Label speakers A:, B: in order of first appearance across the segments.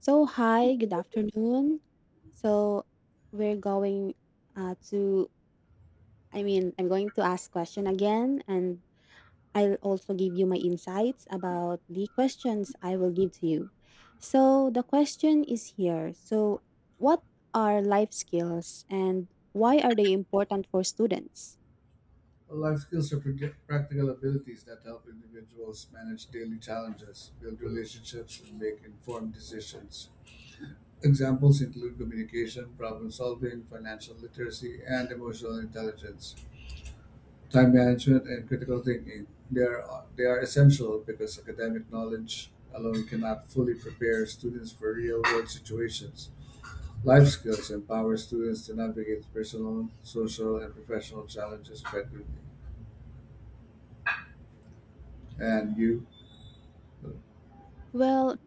A: So, hi, good afternoon. So, we're going uh, to, I'm going to ask question again, and I'll also give you my insights about the questions I will give to you. So, the question is here. So, what are life skills and why are they important for students?
B: Life skills are practical abilities that help individuals manage daily challenges, build relationships, and make informed decisions. Examples include communication, problem solving, financial literacy, and emotional intelligence, time management, and critical thinking. They are essential because academic knowledge alone cannot fully prepare students for real world situations. Life skills empower students to navigate personal, social, and professional challenges effectively. And you?
A: Well,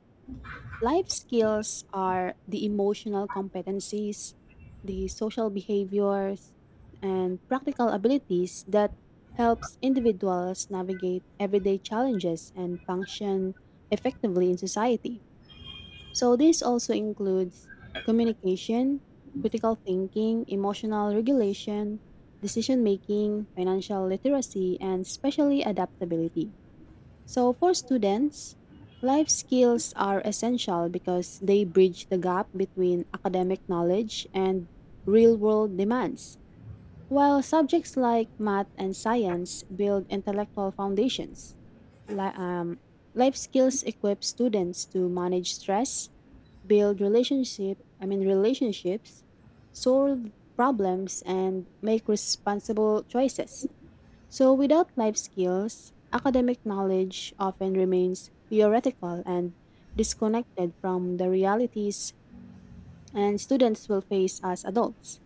A: life skills are the emotional competencies, the social behaviors, and practical abilities that helps individuals navigate everyday challenges and function effectively in society. So this also includes communication, critical thinking, emotional regulation, decision making, financial literacy, and especially adaptability. So, for students, life skills are essential because they bridge the gap between academic knowledge and real world demands, while subjects like math and science build intellectual foundations. Li- um, Life skills equip students to manage stress, build relationships, solve problems and make responsible choices. So, without life skills, academic knowledge often remains theoretical and disconnected from the realities and students will face as adults.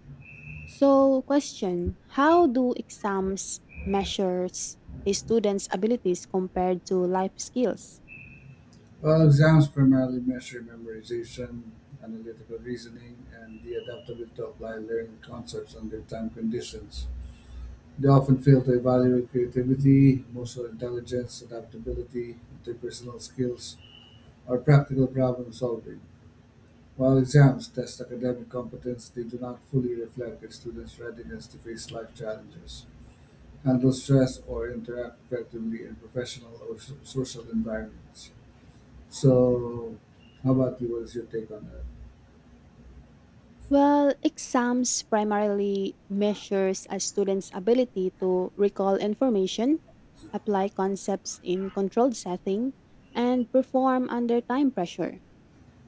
A: So, question: how do exams measures a student's abilities compared to life skills?
B: Well, exams primarily measure memorization, analytical reasoning, and the adaptability to apply learned concepts under time conditions. They often fail to evaluate creativity, emotional intelligence, adaptability, interpersonal skills, or practical problem solving. While exams test academic competence, they do not fully reflect a student's readiness to face life challenges, handle stress, or interact effectively in professional or social environments. So, how about you? What is your take on that?
A: Well, exams primarily measures a student's ability to recall information, apply concepts in controlled setting, and perform under time pressure.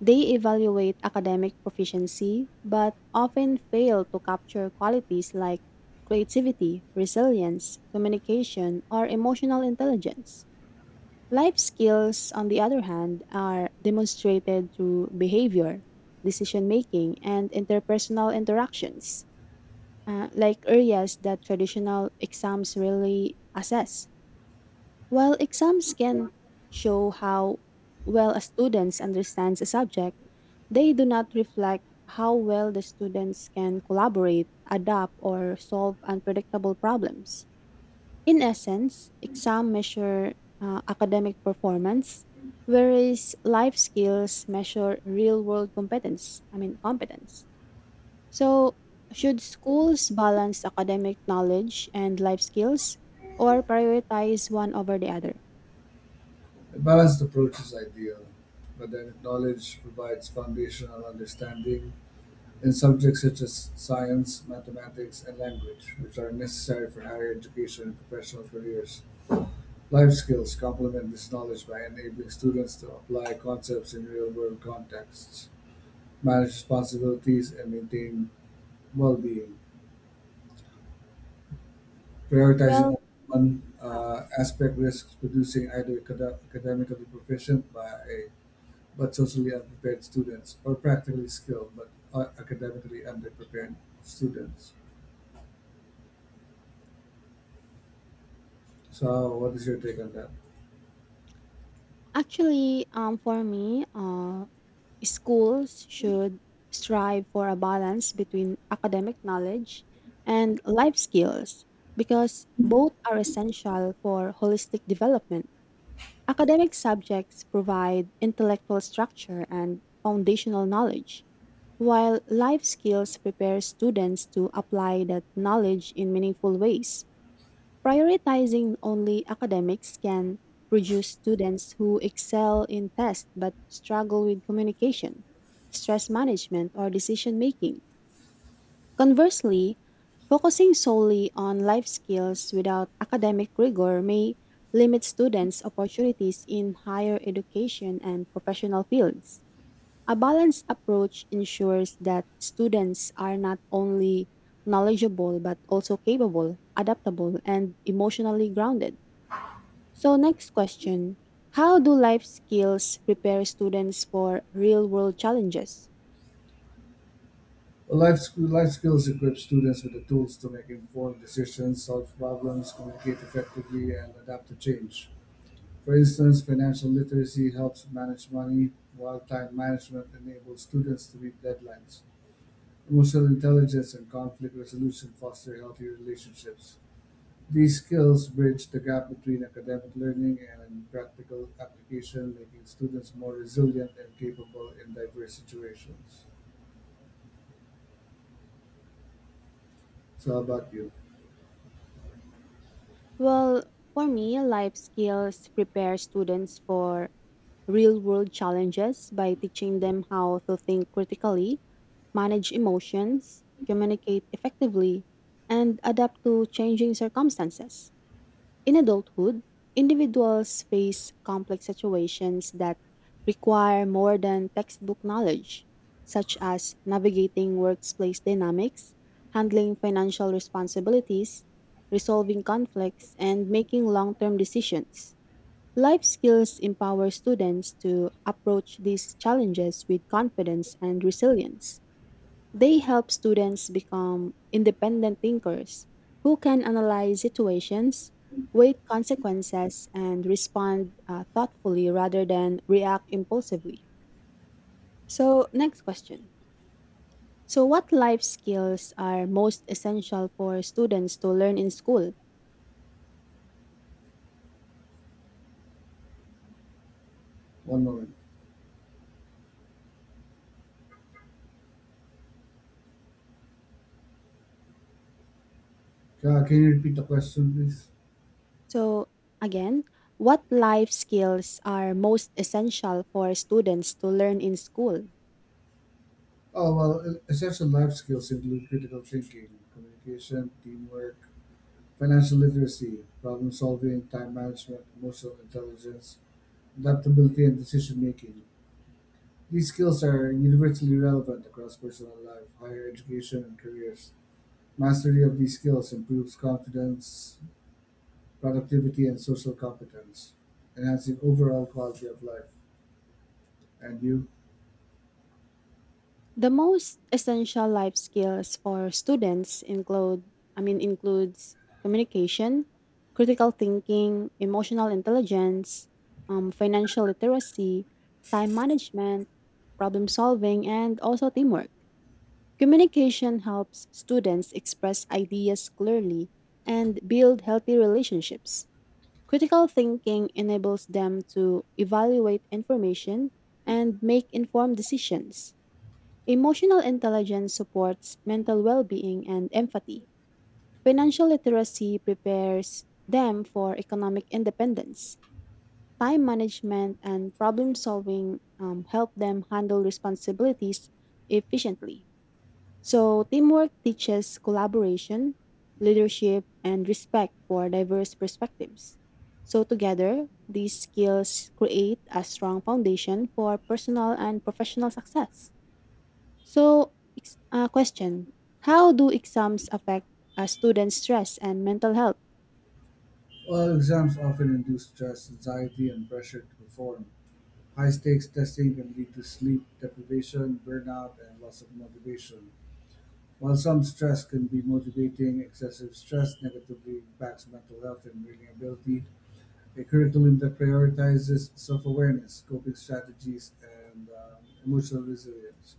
A: They evaluate academic proficiency, but often fail to capture qualities like creativity, resilience, communication, or emotional intelligence. Life skills, on the other hand, are demonstrated through behavior, decision making, and interpersonal interactions, like areas that traditional exams really assess. While exams can show how well a student understands a subject, they do not reflect how well the students can collaborate, adapt, or solve unpredictable problems. In essence, exam measure academic performance, whereas life skills measure real-world competence. So, should schools balance academic knowledge and life skills, or prioritize one over the other?
B: A balanced approach is ideal, but then knowledge provides foundational understanding in subjects such as science, mathematics, and language, which are necessary for higher education and professional careers. Life skills complement this knowledge by enabling students to apply concepts in real world contexts, manage responsibilities, and maintain well being. Prioritizing
A: Well,
B: only one
A: wow.
B: aspect risks producing either academically proficient by but socially unprepared students or practically skilled but academically underprepared students. So, what is your take on that?
A: Actually, for me, schools should strive for a balance between academic knowledge and life skills because both are essential for holistic development. Academic subjects provide intellectual structure and foundational knowledge, while life skills prepare students to apply that knowledge in meaningful ways. Prioritizing only academics can produce students who excel in tests but struggle with communication, stress management, or decision making. Conversely, focusing solely on life skills without academic rigor may limit students' opportunities in higher education and professional fields. A balanced approach ensures that students are not only knowledgeable but also capable, adaptable, and emotionally grounded. So, next question: how do life skills prepare students for real world challenges?
B: Well, life skills equip students with the tools to make informed decisions, solve problems, communicate effectively, and adapt to change. For instance, financial literacy helps manage money, while time management enables students to meet deadlines. Emotional intelligence and conflict resolution foster healthy relationships. These skills bridge the gap between academic learning and practical application, making students more resilient and capable in diverse situations. So, how about you?
A: Well, for me, life skills prepare students for real world challenges by teaching them how to think critically, manage emotions, communicate effectively, and adapt to changing circumstances. In adulthood, individuals face complex situations that require more than textbook knowledge, such as navigating workplace dynamics, handling financial responsibilities, resolving conflicts, and making long term decisions. Life skills empower students to approach these challenges with confidence and resilience. They help students become independent thinkers who can analyze situations, weigh consequences, and respond thoughtfully rather than react impulsively. So, next question. So, what life skills are most essential for students to learn in school?
B: One moment. Can you repeat the question, please?
A: So, again, what life skills are most essential for students to learn in school?
B: Oh, well, essential life skills include critical thinking, communication, teamwork, financial literacy, problem solving, time management, emotional intelligence, adaptability, and decision making. These skills are universally relevant across personal life, higher education, and careers. Mastery of these skills improves confidence, productivity, and social competence, enhancing overall quality of life. And you?
A: The most essential life skills for students includes communication, critical thinking, emotional intelligence, financial literacy, time management, problem solving, and also teamwork. Communication helps students express ideas clearly and build healthy relationships. Critical thinking enables them to evaluate information and make informed decisions. Emotional intelligence supports mental well being and empathy. Financial literacy prepares them for economic independence. Time management and problem solving help them handle responsibilities efficiently. So, teamwork teaches collaboration, leadership, and respect for diverse perspectives. So, together, these skills create a strong foundation for personal and professional success. So, question: how do exams affect students' stress and mental health?
B: Well, exams often induce stress, anxiety, and pressure to perform. High stakes testing can lead to sleep deprivation, burnout, and loss of motivation. While some stress can be motivating, excessive stress negatively impacts mental health and reading ability a curriculum that prioritizes self-awareness, coping strategies, and emotional resilience.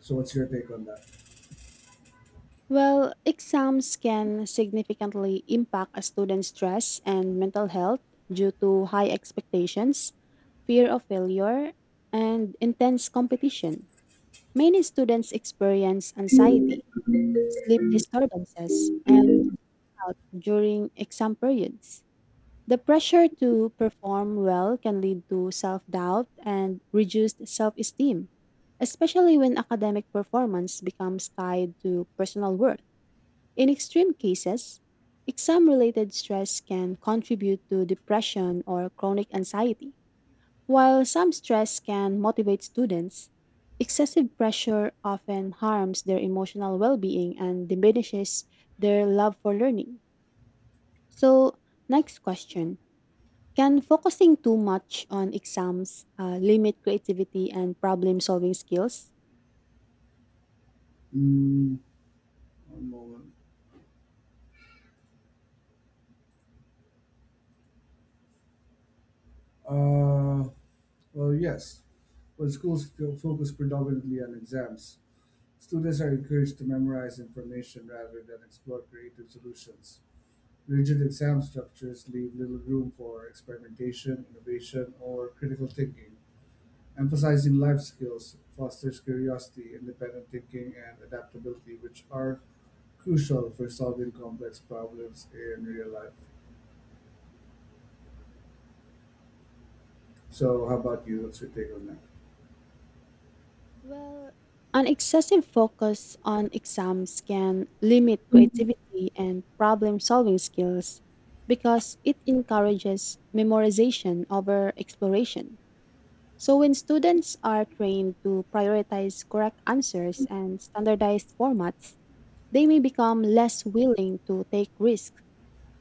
B: So, what's your take on that?
A: Well, exams can significantly impact a student's stress and mental health due to high expectations, fear of failure, and intense competition. Many students experience anxiety, sleep disturbances, and burnout during exam periods. The pressure to perform well can lead to self doubt and reduced self esteem, especially when academic performance becomes tied to personal worth. In extreme cases, exam related stress can contribute to depression or chronic anxiety. While some stress can motivate students, excessive pressure often harms their emotional well being and diminishes their love for learning. So, next question. Can focusing too much on exams limit creativity and problem solving skills?
B: Mm, one moment. Uh, well, yes. When schools focus predominantly on exams, students are encouraged to memorize information rather than explore creative solutions. Rigid exam structures leave little room for experimentation, innovation, or critical thinking. Emphasizing life skills fosters curiosity, independent thinking, and adaptability, which are crucial for solving complex problems in real life. So, how about you? What's your take on that?
A: Well, an excessive focus on exams can limit creativity and problem solving skills because it encourages memorization over exploration. So, when students are trained to prioritize correct answers and standardized formats, they may become less willing to take risks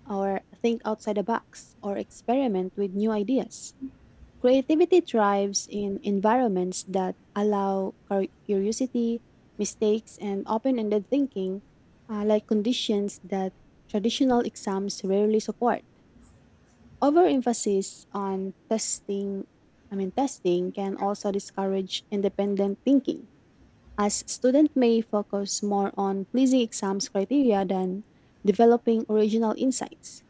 A: or think outside the box or experiment with new ideas. Creativity thrives in environments that allow curiosity, mistakes, and open ended thinking, like conditions that traditional exams rarely support. Overemphasis on testing can also discourage independent thinking, as students may focus more on pleasing exams criteria than developing original insights.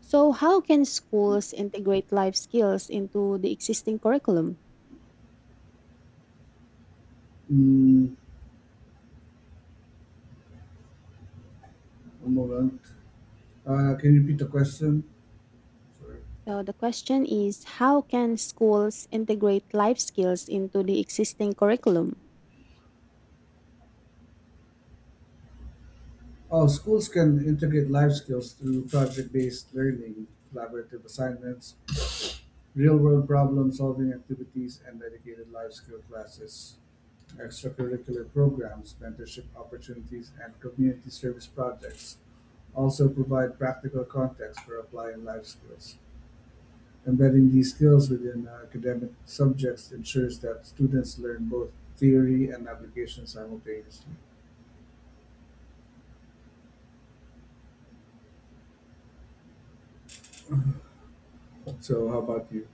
A: So, how can schools integrate life skills into the existing curriculum?
B: Mm, one moment. Can you repeat the question? Sorry.
A: So, the question is: how can schools integrate life skills into the existing curriculum?
B: Oh, schools can integrate life skills through project based learning, collaborative assignments, real world problem solving activities, and dedicated life skill classes. Extracurricular programs, mentorship opportunities, and community service projects also provide practical context for applying life skills. Embedding these skills within academic subjects ensures that students learn both theory and application simultaneously. So, how about you?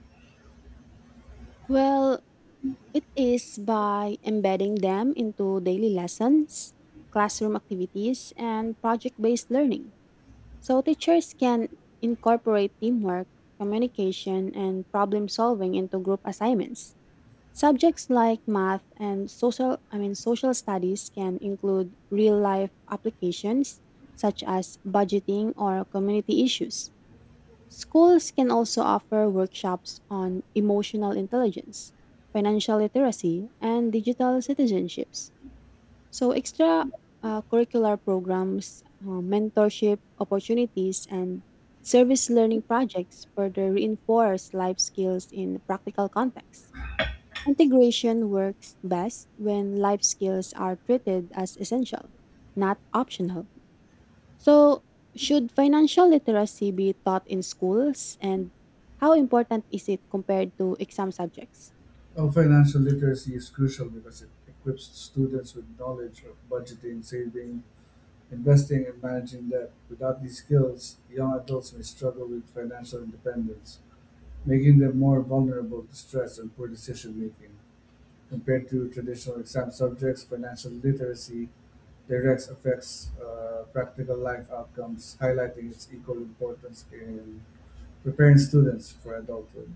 A: Well, it is by embedding them into daily lessons, classroom activities, and project based learning. So, teachers can incorporate teamwork, communication, and problem solving into group assignments. Subjects like math and social I mean social studies can include real life applications such as budgeting or community issues. Schools can also offer workshops on emotional intelligence, financial literacy, and digital citizenships. So extra curricular programs, mentorship opportunities, and service learning projects further reinforce life skills in practical contexts. Integration works best when life skills are treated as essential, not optional. So, should financial literacy be taught in schools and how important is it compared to exam subjects?
B: Well, financial literacy is crucial because it equips students with knowledge of budgeting, saving, investing, and managing debt. Without these skills, young adults may struggle with financial independence, making them more vulnerable to stress and poor decision-making. Compared to traditional exam subjects, financial literacy directs affects practical life outcomes, highlighting its equal importance in preparing students for adulthood.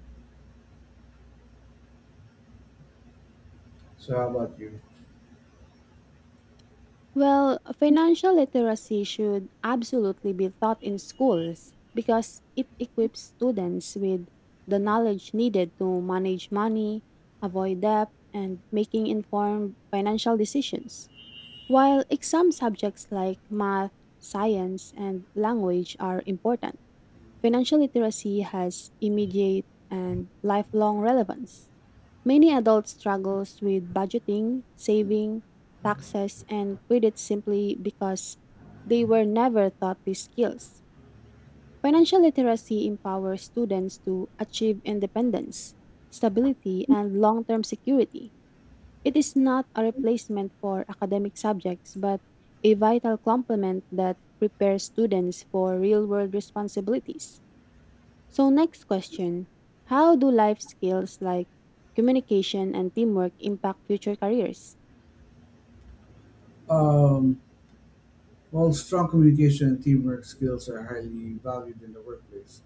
B: So, how about you?
A: Well, financial literacy should absolutely be taught in schools because it equips students with the knowledge needed to manage money, avoid debt, and making informed financial decisions. While exam subjects like math, science, and language are important, financial literacy has immediate and lifelong relevance. Many adults struggles with budgeting, saving, taxes, and credit simply because they were never taught these skills. Financial literacy empowers students to achieve independence, stability, and long-term security. It is not a replacement for academic subjects, but a vital complement that prepares students for real world responsibilities. So, next question: how do life skills like communication and teamwork impact future careers?
B: Um, while strong communication and teamwork skills are highly valued in the workplace,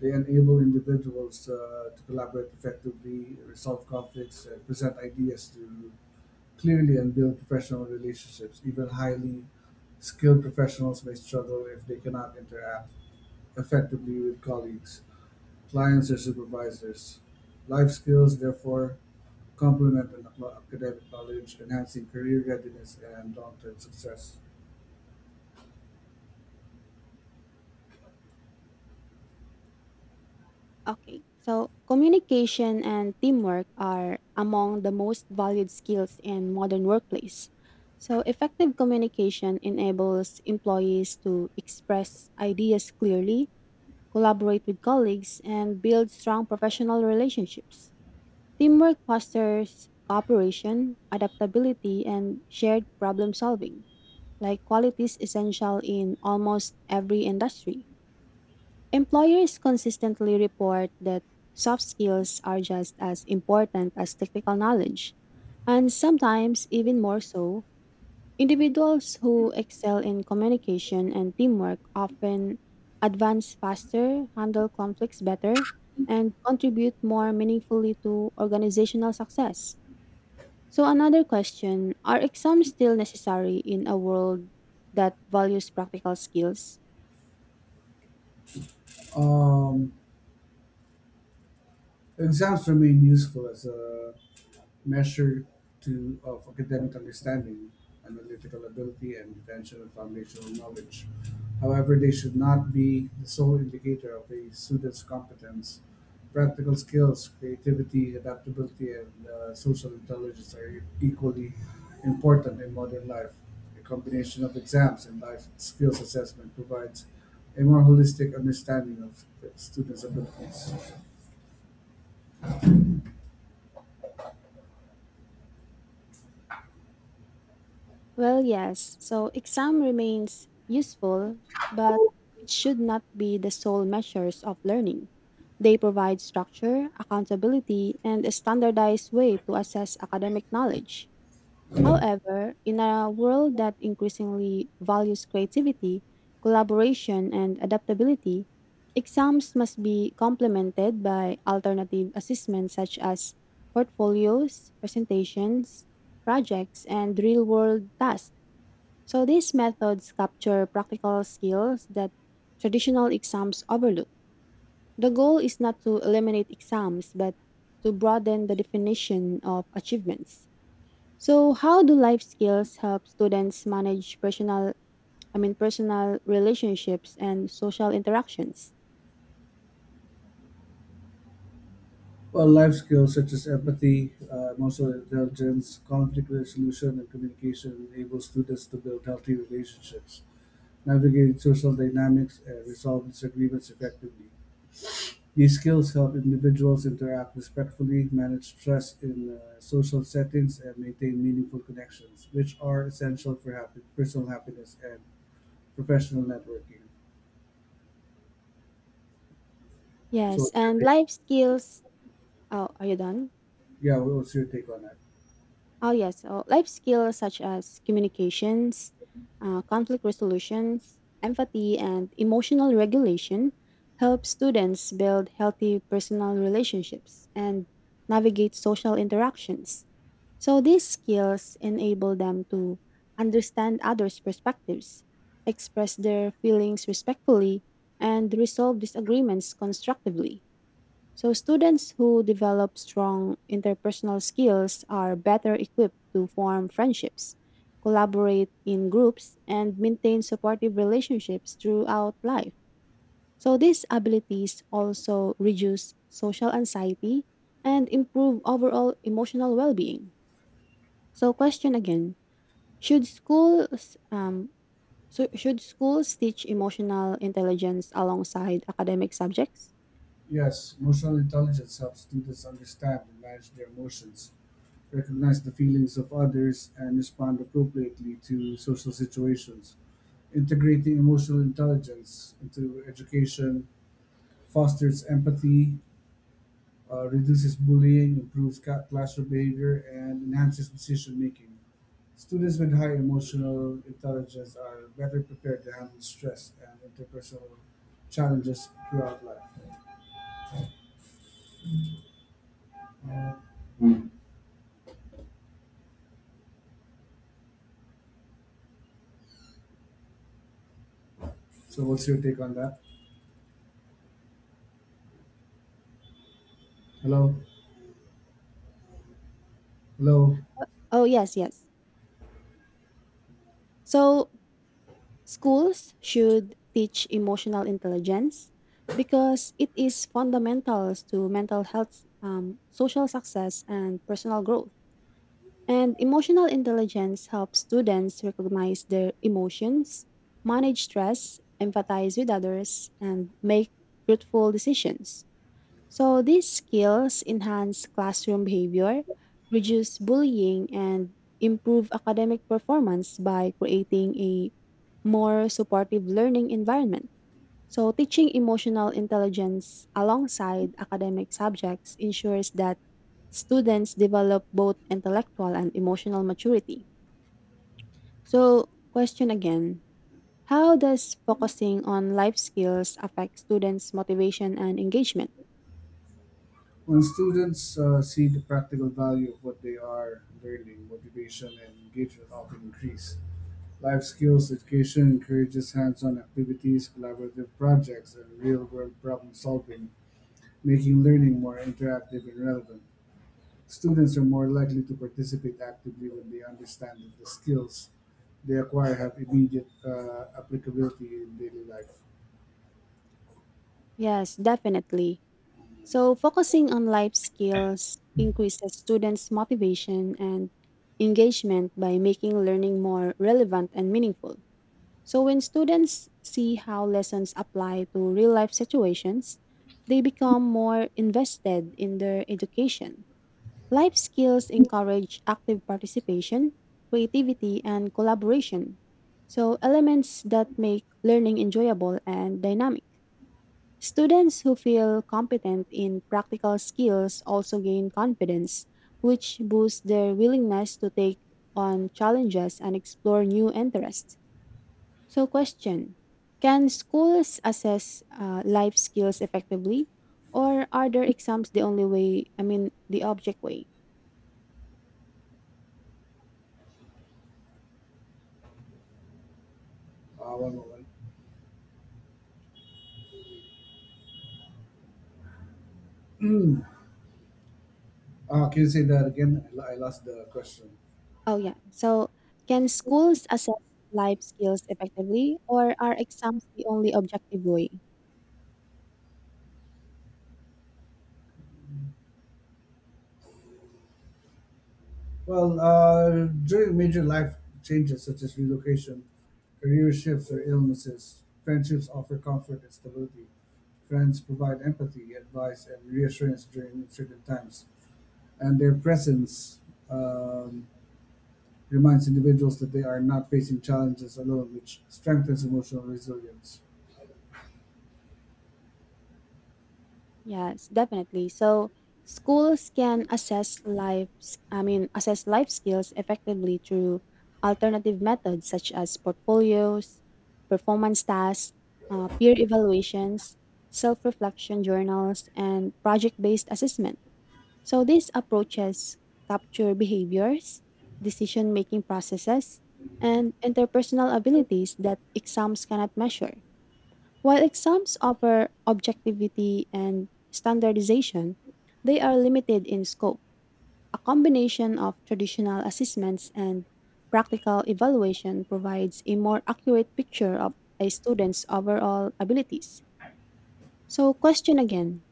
B: they enable individuals to collaborate effectively, resolve conflicts, and present ideas to clearly, unbuilt professional relationships, even highly skilled professionals may struggle if they cannot interact effectively with colleagues, clients, or supervisors. Life skills, therefore, complement an academic knowledge, enhancing career readiness and long term success.
A: Okay, so communication and teamwork are among the most valued skills in modern workplace. So, effective communication enables employees to express ideas clearly, collaborate with colleagues, and build strong professional relationships. Teamwork fosters cooperation, adaptability, and shared problem solving, like qualities essential in almost every industry. Employers consistently report that soft skills are just as important as technical knowledge, and sometimes even more so. Individuals who excel in communication and teamwork often advance faster, handle conflicts better, and contribute more meaningfully to organizational success. So, another question: are exams still necessary in a world that values practical skills?
B: Um, exams remain useful as a measure to, of academic understanding, analytical ability, and retention of foundational knowledge. However, they should not be the sole indicator of a student's competence. Practical skills, creativity, adaptability, and social intelligence are equally important in modern life. A combination of exams and life skills assessment provides a more holistic understanding of students' abilities.
A: Well, yes. So exam remains useful, but it should not be the sole measures of learning. They provide structure, accountability, and a standardized way to assess academic knowledge. However, in a world that increasingly values creativity, collaboration, and adaptability, exams must be complemented by alternative assessments such as portfolios, presentations, projects, and real world tasks. So these methods capture practical skills that traditional exams overlook. The goal is not to eliminate exams, but to broaden the definition of achievements. So how do life skills help students manage personal I mean personal relationships and social interactions?
B: Well, life skills such as empathy, emotional intelligence, conflict resolution, and communication enable students to build healthy relationships, navigate social dynamics, and resolve disagreements effectively. These skills help individuals interact respectfully, manage stress in social settings, and maintain meaningful connections, which are essential for happy, personal happiness and professional networking. So,
A: Yes,
B: what's your
A: and
B: take?
A: life skills. Oh, are you done?
B: Yeah, what's your take on that?
A: Oh, yes. Oh, life skills such as communications, conflict resolutions, empathy, and emotional regulation help students build healthy personal relationships and navigate social interactions. So, these skills enable them to understand others' perspectives, express their feelings respectfully, and resolve disagreements constructively. So, students who develop strong interpersonal skills are better equipped to form friendships, collaborate in groups, and maintain supportive relationships throughout life. So, these abilities also reduce social anxiety and improve overall emotional well being. So, question again: Should schools um, should schools teach emotional intelligence alongside academic subjects?
B: Yes, emotional intelligence helps students understand and manage their emotions, recognize the feelings of others, and respond appropriately to social situations. Integrating emotional intelligence into education fosters empathy, reduces bullying, improves classroom behavior, and enhances decision making. Students with high emotional intelligence are better prepared to handle stress and interpersonal challenges throughout life. Uh, so, what's your take on that? Hello? Hello?
A: Oh yes, yes. So schools should teach emotional intelligence because it is fundamental to mental health, social success, and personal growth. And emotional intelligence helps students recognize their emotions, manage stress, empathize with others, and make truthful decisions. So these skills enhance classroom behavior, reduce bullying, and improve academic performance by creating a more supportive learning environment. So teaching emotional intelligence alongside academic subjects ensures that students develop both intellectual and emotional maturity. So question again, how does focusing on life skills affect students' motivation and engagement?
B: When students see the practical value of what they are learning, motivation and engagement often increase. Life skills education encourages hands on activities, collaborative projects, and real world problem solving, making learning more interactive and relevant. Students are more likely to participate actively when they understand that the skills they acquire have immediate applicability in daily life.
A: Yes, definitely. So, focusing on life skills increases students' motivation and engagement by making learning more relevant and meaningful. So, when students see how lessons apply to real life situations, they become more invested in their education. Life skills encourage active participation, creativity, and collaboration. So, elements that make learning enjoyable and dynamic. Students who feel competent in practical skills also gain confidence, which boosts their willingness to take on challenges and explore new interests. So, question: can schools assess life skills effectively, or are their exams the only the object way?
B: One moment. Can you say that again? I lost the question.
A: Oh, yeah. So, can schools assess life skills effectively, or are exams the only objective way?
B: Well, during major life changes such as relocation, career shifts, or illnesses, friendships offer comfort and stability. Friends provide empathy, advice, and reassurance during uncertain times, and their presence um, reminds individuals that they are not facing challenges alone, which strengthens emotional resilience.
A: Yes, definitely. So schools can assess life, s- I mean, assess life skills effectively through alternative methods such as portfolios, performance tasks, peer evaluations, self-reflection journals, and project-based assessment. So these approaches capture behaviors, decision-making processes, and interpersonal abilities that exams cannot measure. While exams offer objectivity and standardization, they are limited in scope. A combination of traditional assessments and practical evaluation provides a more accurate picture of a student's overall abilities. So, question again: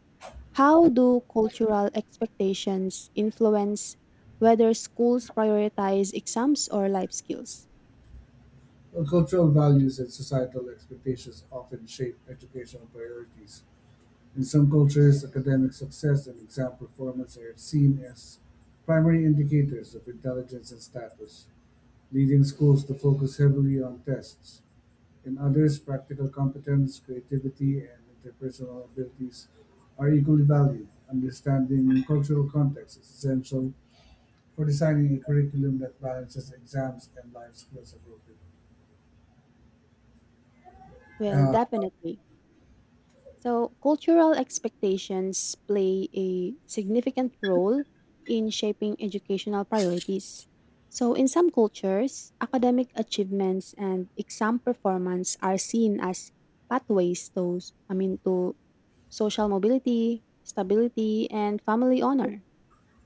A: how do cultural expectations influence whether schools prioritize exams or life skills?
B: Well, cultural values and societal expectations often shape educational priorities. In some cultures, academic success and exam performance are seen as primary indicators of intelligence and status, leading schools to focus heavily on tests. In others, practical competence, creativity, and interpersonal abilities are equally valued. Understanding cultural context is essential for designing a curriculum that balances exams and life skills appropriately.
A: Well,
B: Uh,
A: definitely. So, cultural expectations play a significant role in shaping educational priorities. So, in some cultures, academic achievements and exam performance are seen as pathways to social mobility, stability, and family honor.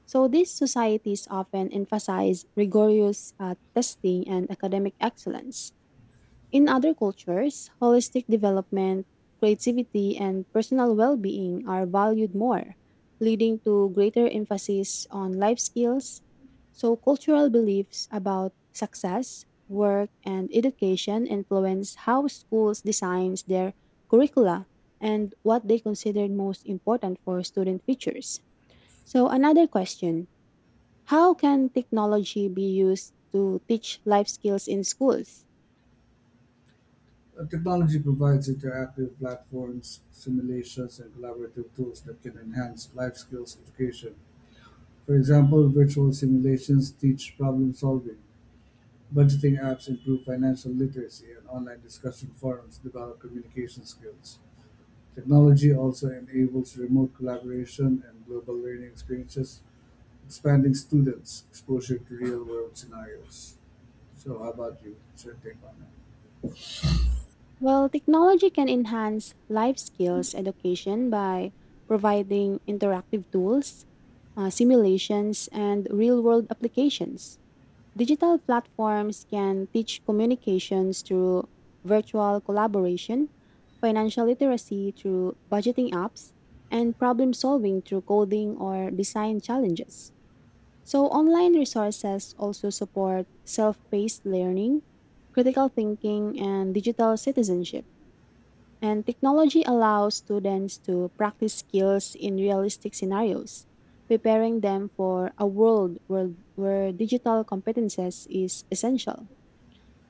A: So, these societies often emphasize rigorous testing and academic excellence. In other cultures, holistic development, creativity, and personal well being are valued more, leading to greater emphasis on life skills. So, cultural beliefs about success, work, and education influence how schools design their curricula and what they consider most important for student futures. So, another question: how can technology be used to teach life skills in schools?
B: The technology provides interactive platforms, simulations, and collaborative tools that can enhance life skills education. For example, virtual simulations teach problem solving, budgeting apps improve financial literacy, and online discussion forums develop communication skills. Technology also enables remote collaboration and global learning experiences, expanding students' exposure to real world scenarios. So, how about you? What's your take on that?
A: Well, technology can enhance life skills education by providing interactive tools, simulations, and real world applications. Digital platforms can teach communications through virtual collaboration, financial literacy through budgeting apps, and problem solving through coding or design challenges. So, online resources also support self paced learning, critical thinking, and digital citizenship. And technology allows students to practice skills in realistic scenarios, preparing them for a world where digital competences is essential.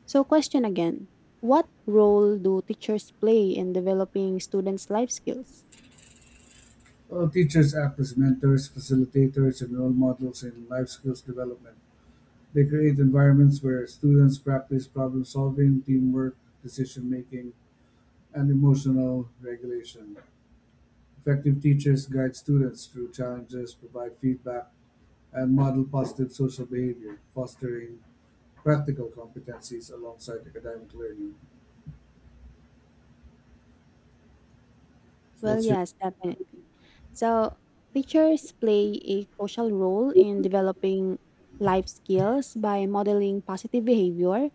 A: So, question again: what role do teachers play in developing students' life skills?
B: Teachers act as mentors, facilitators, and role models in life skills development. They create environments where students practice problem solving, teamwork, decision making, and emotional regulation. Effective teachers guide students through challenges, provide feedback, and model positive social behavior, fostering practical competencies alongside academic learning. So,
A: Well,
B: what's your.
A: yes, definitely. So, teachers play a crucial role in developing life skills by modeling positive behavior,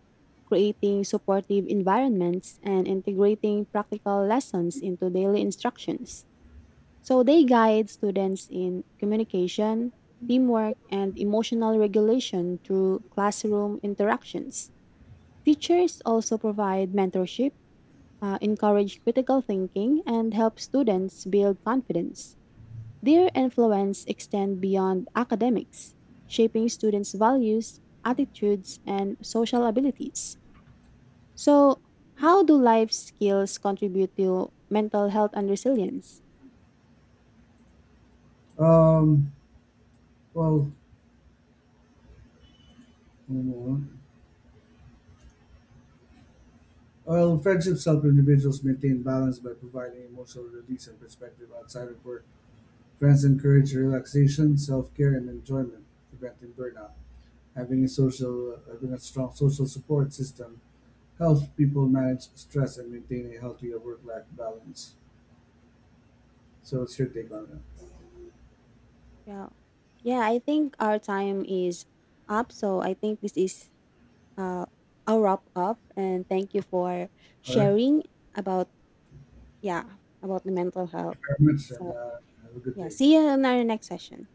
A: creating supportive environments, and integrating practical lessons into daily instructions. So, they guide students in communication, teamwork, and emotional regulation through classroom interactions. Teachers also provide mentorship, encourage critical thinking, and help students build confidence. Their influence extends beyond academics, shaping students' values, attitudes, and social abilities. So, how do life skills contribute to mental health and resilience?
B: Um, well, while friendships help individuals maintain balance by providing emotional release and perspective outside of work, friends encourage relaxation, self-care, and enjoyment, preventing burnout. Having a strong social support system helps people manage stress and maintain a healthier work-life balance. So, what's your take on
A: Yeah. Yeah, I think our time is up. So, I think this is uh, a wrap up. And thank you for
B: that? All right,
A: sharing about, yeah, about the mental
B: thank
A: health.
B: you very much, and
A: So,
B: have a good
A: yeah,
B: day.
A: see you in our next session.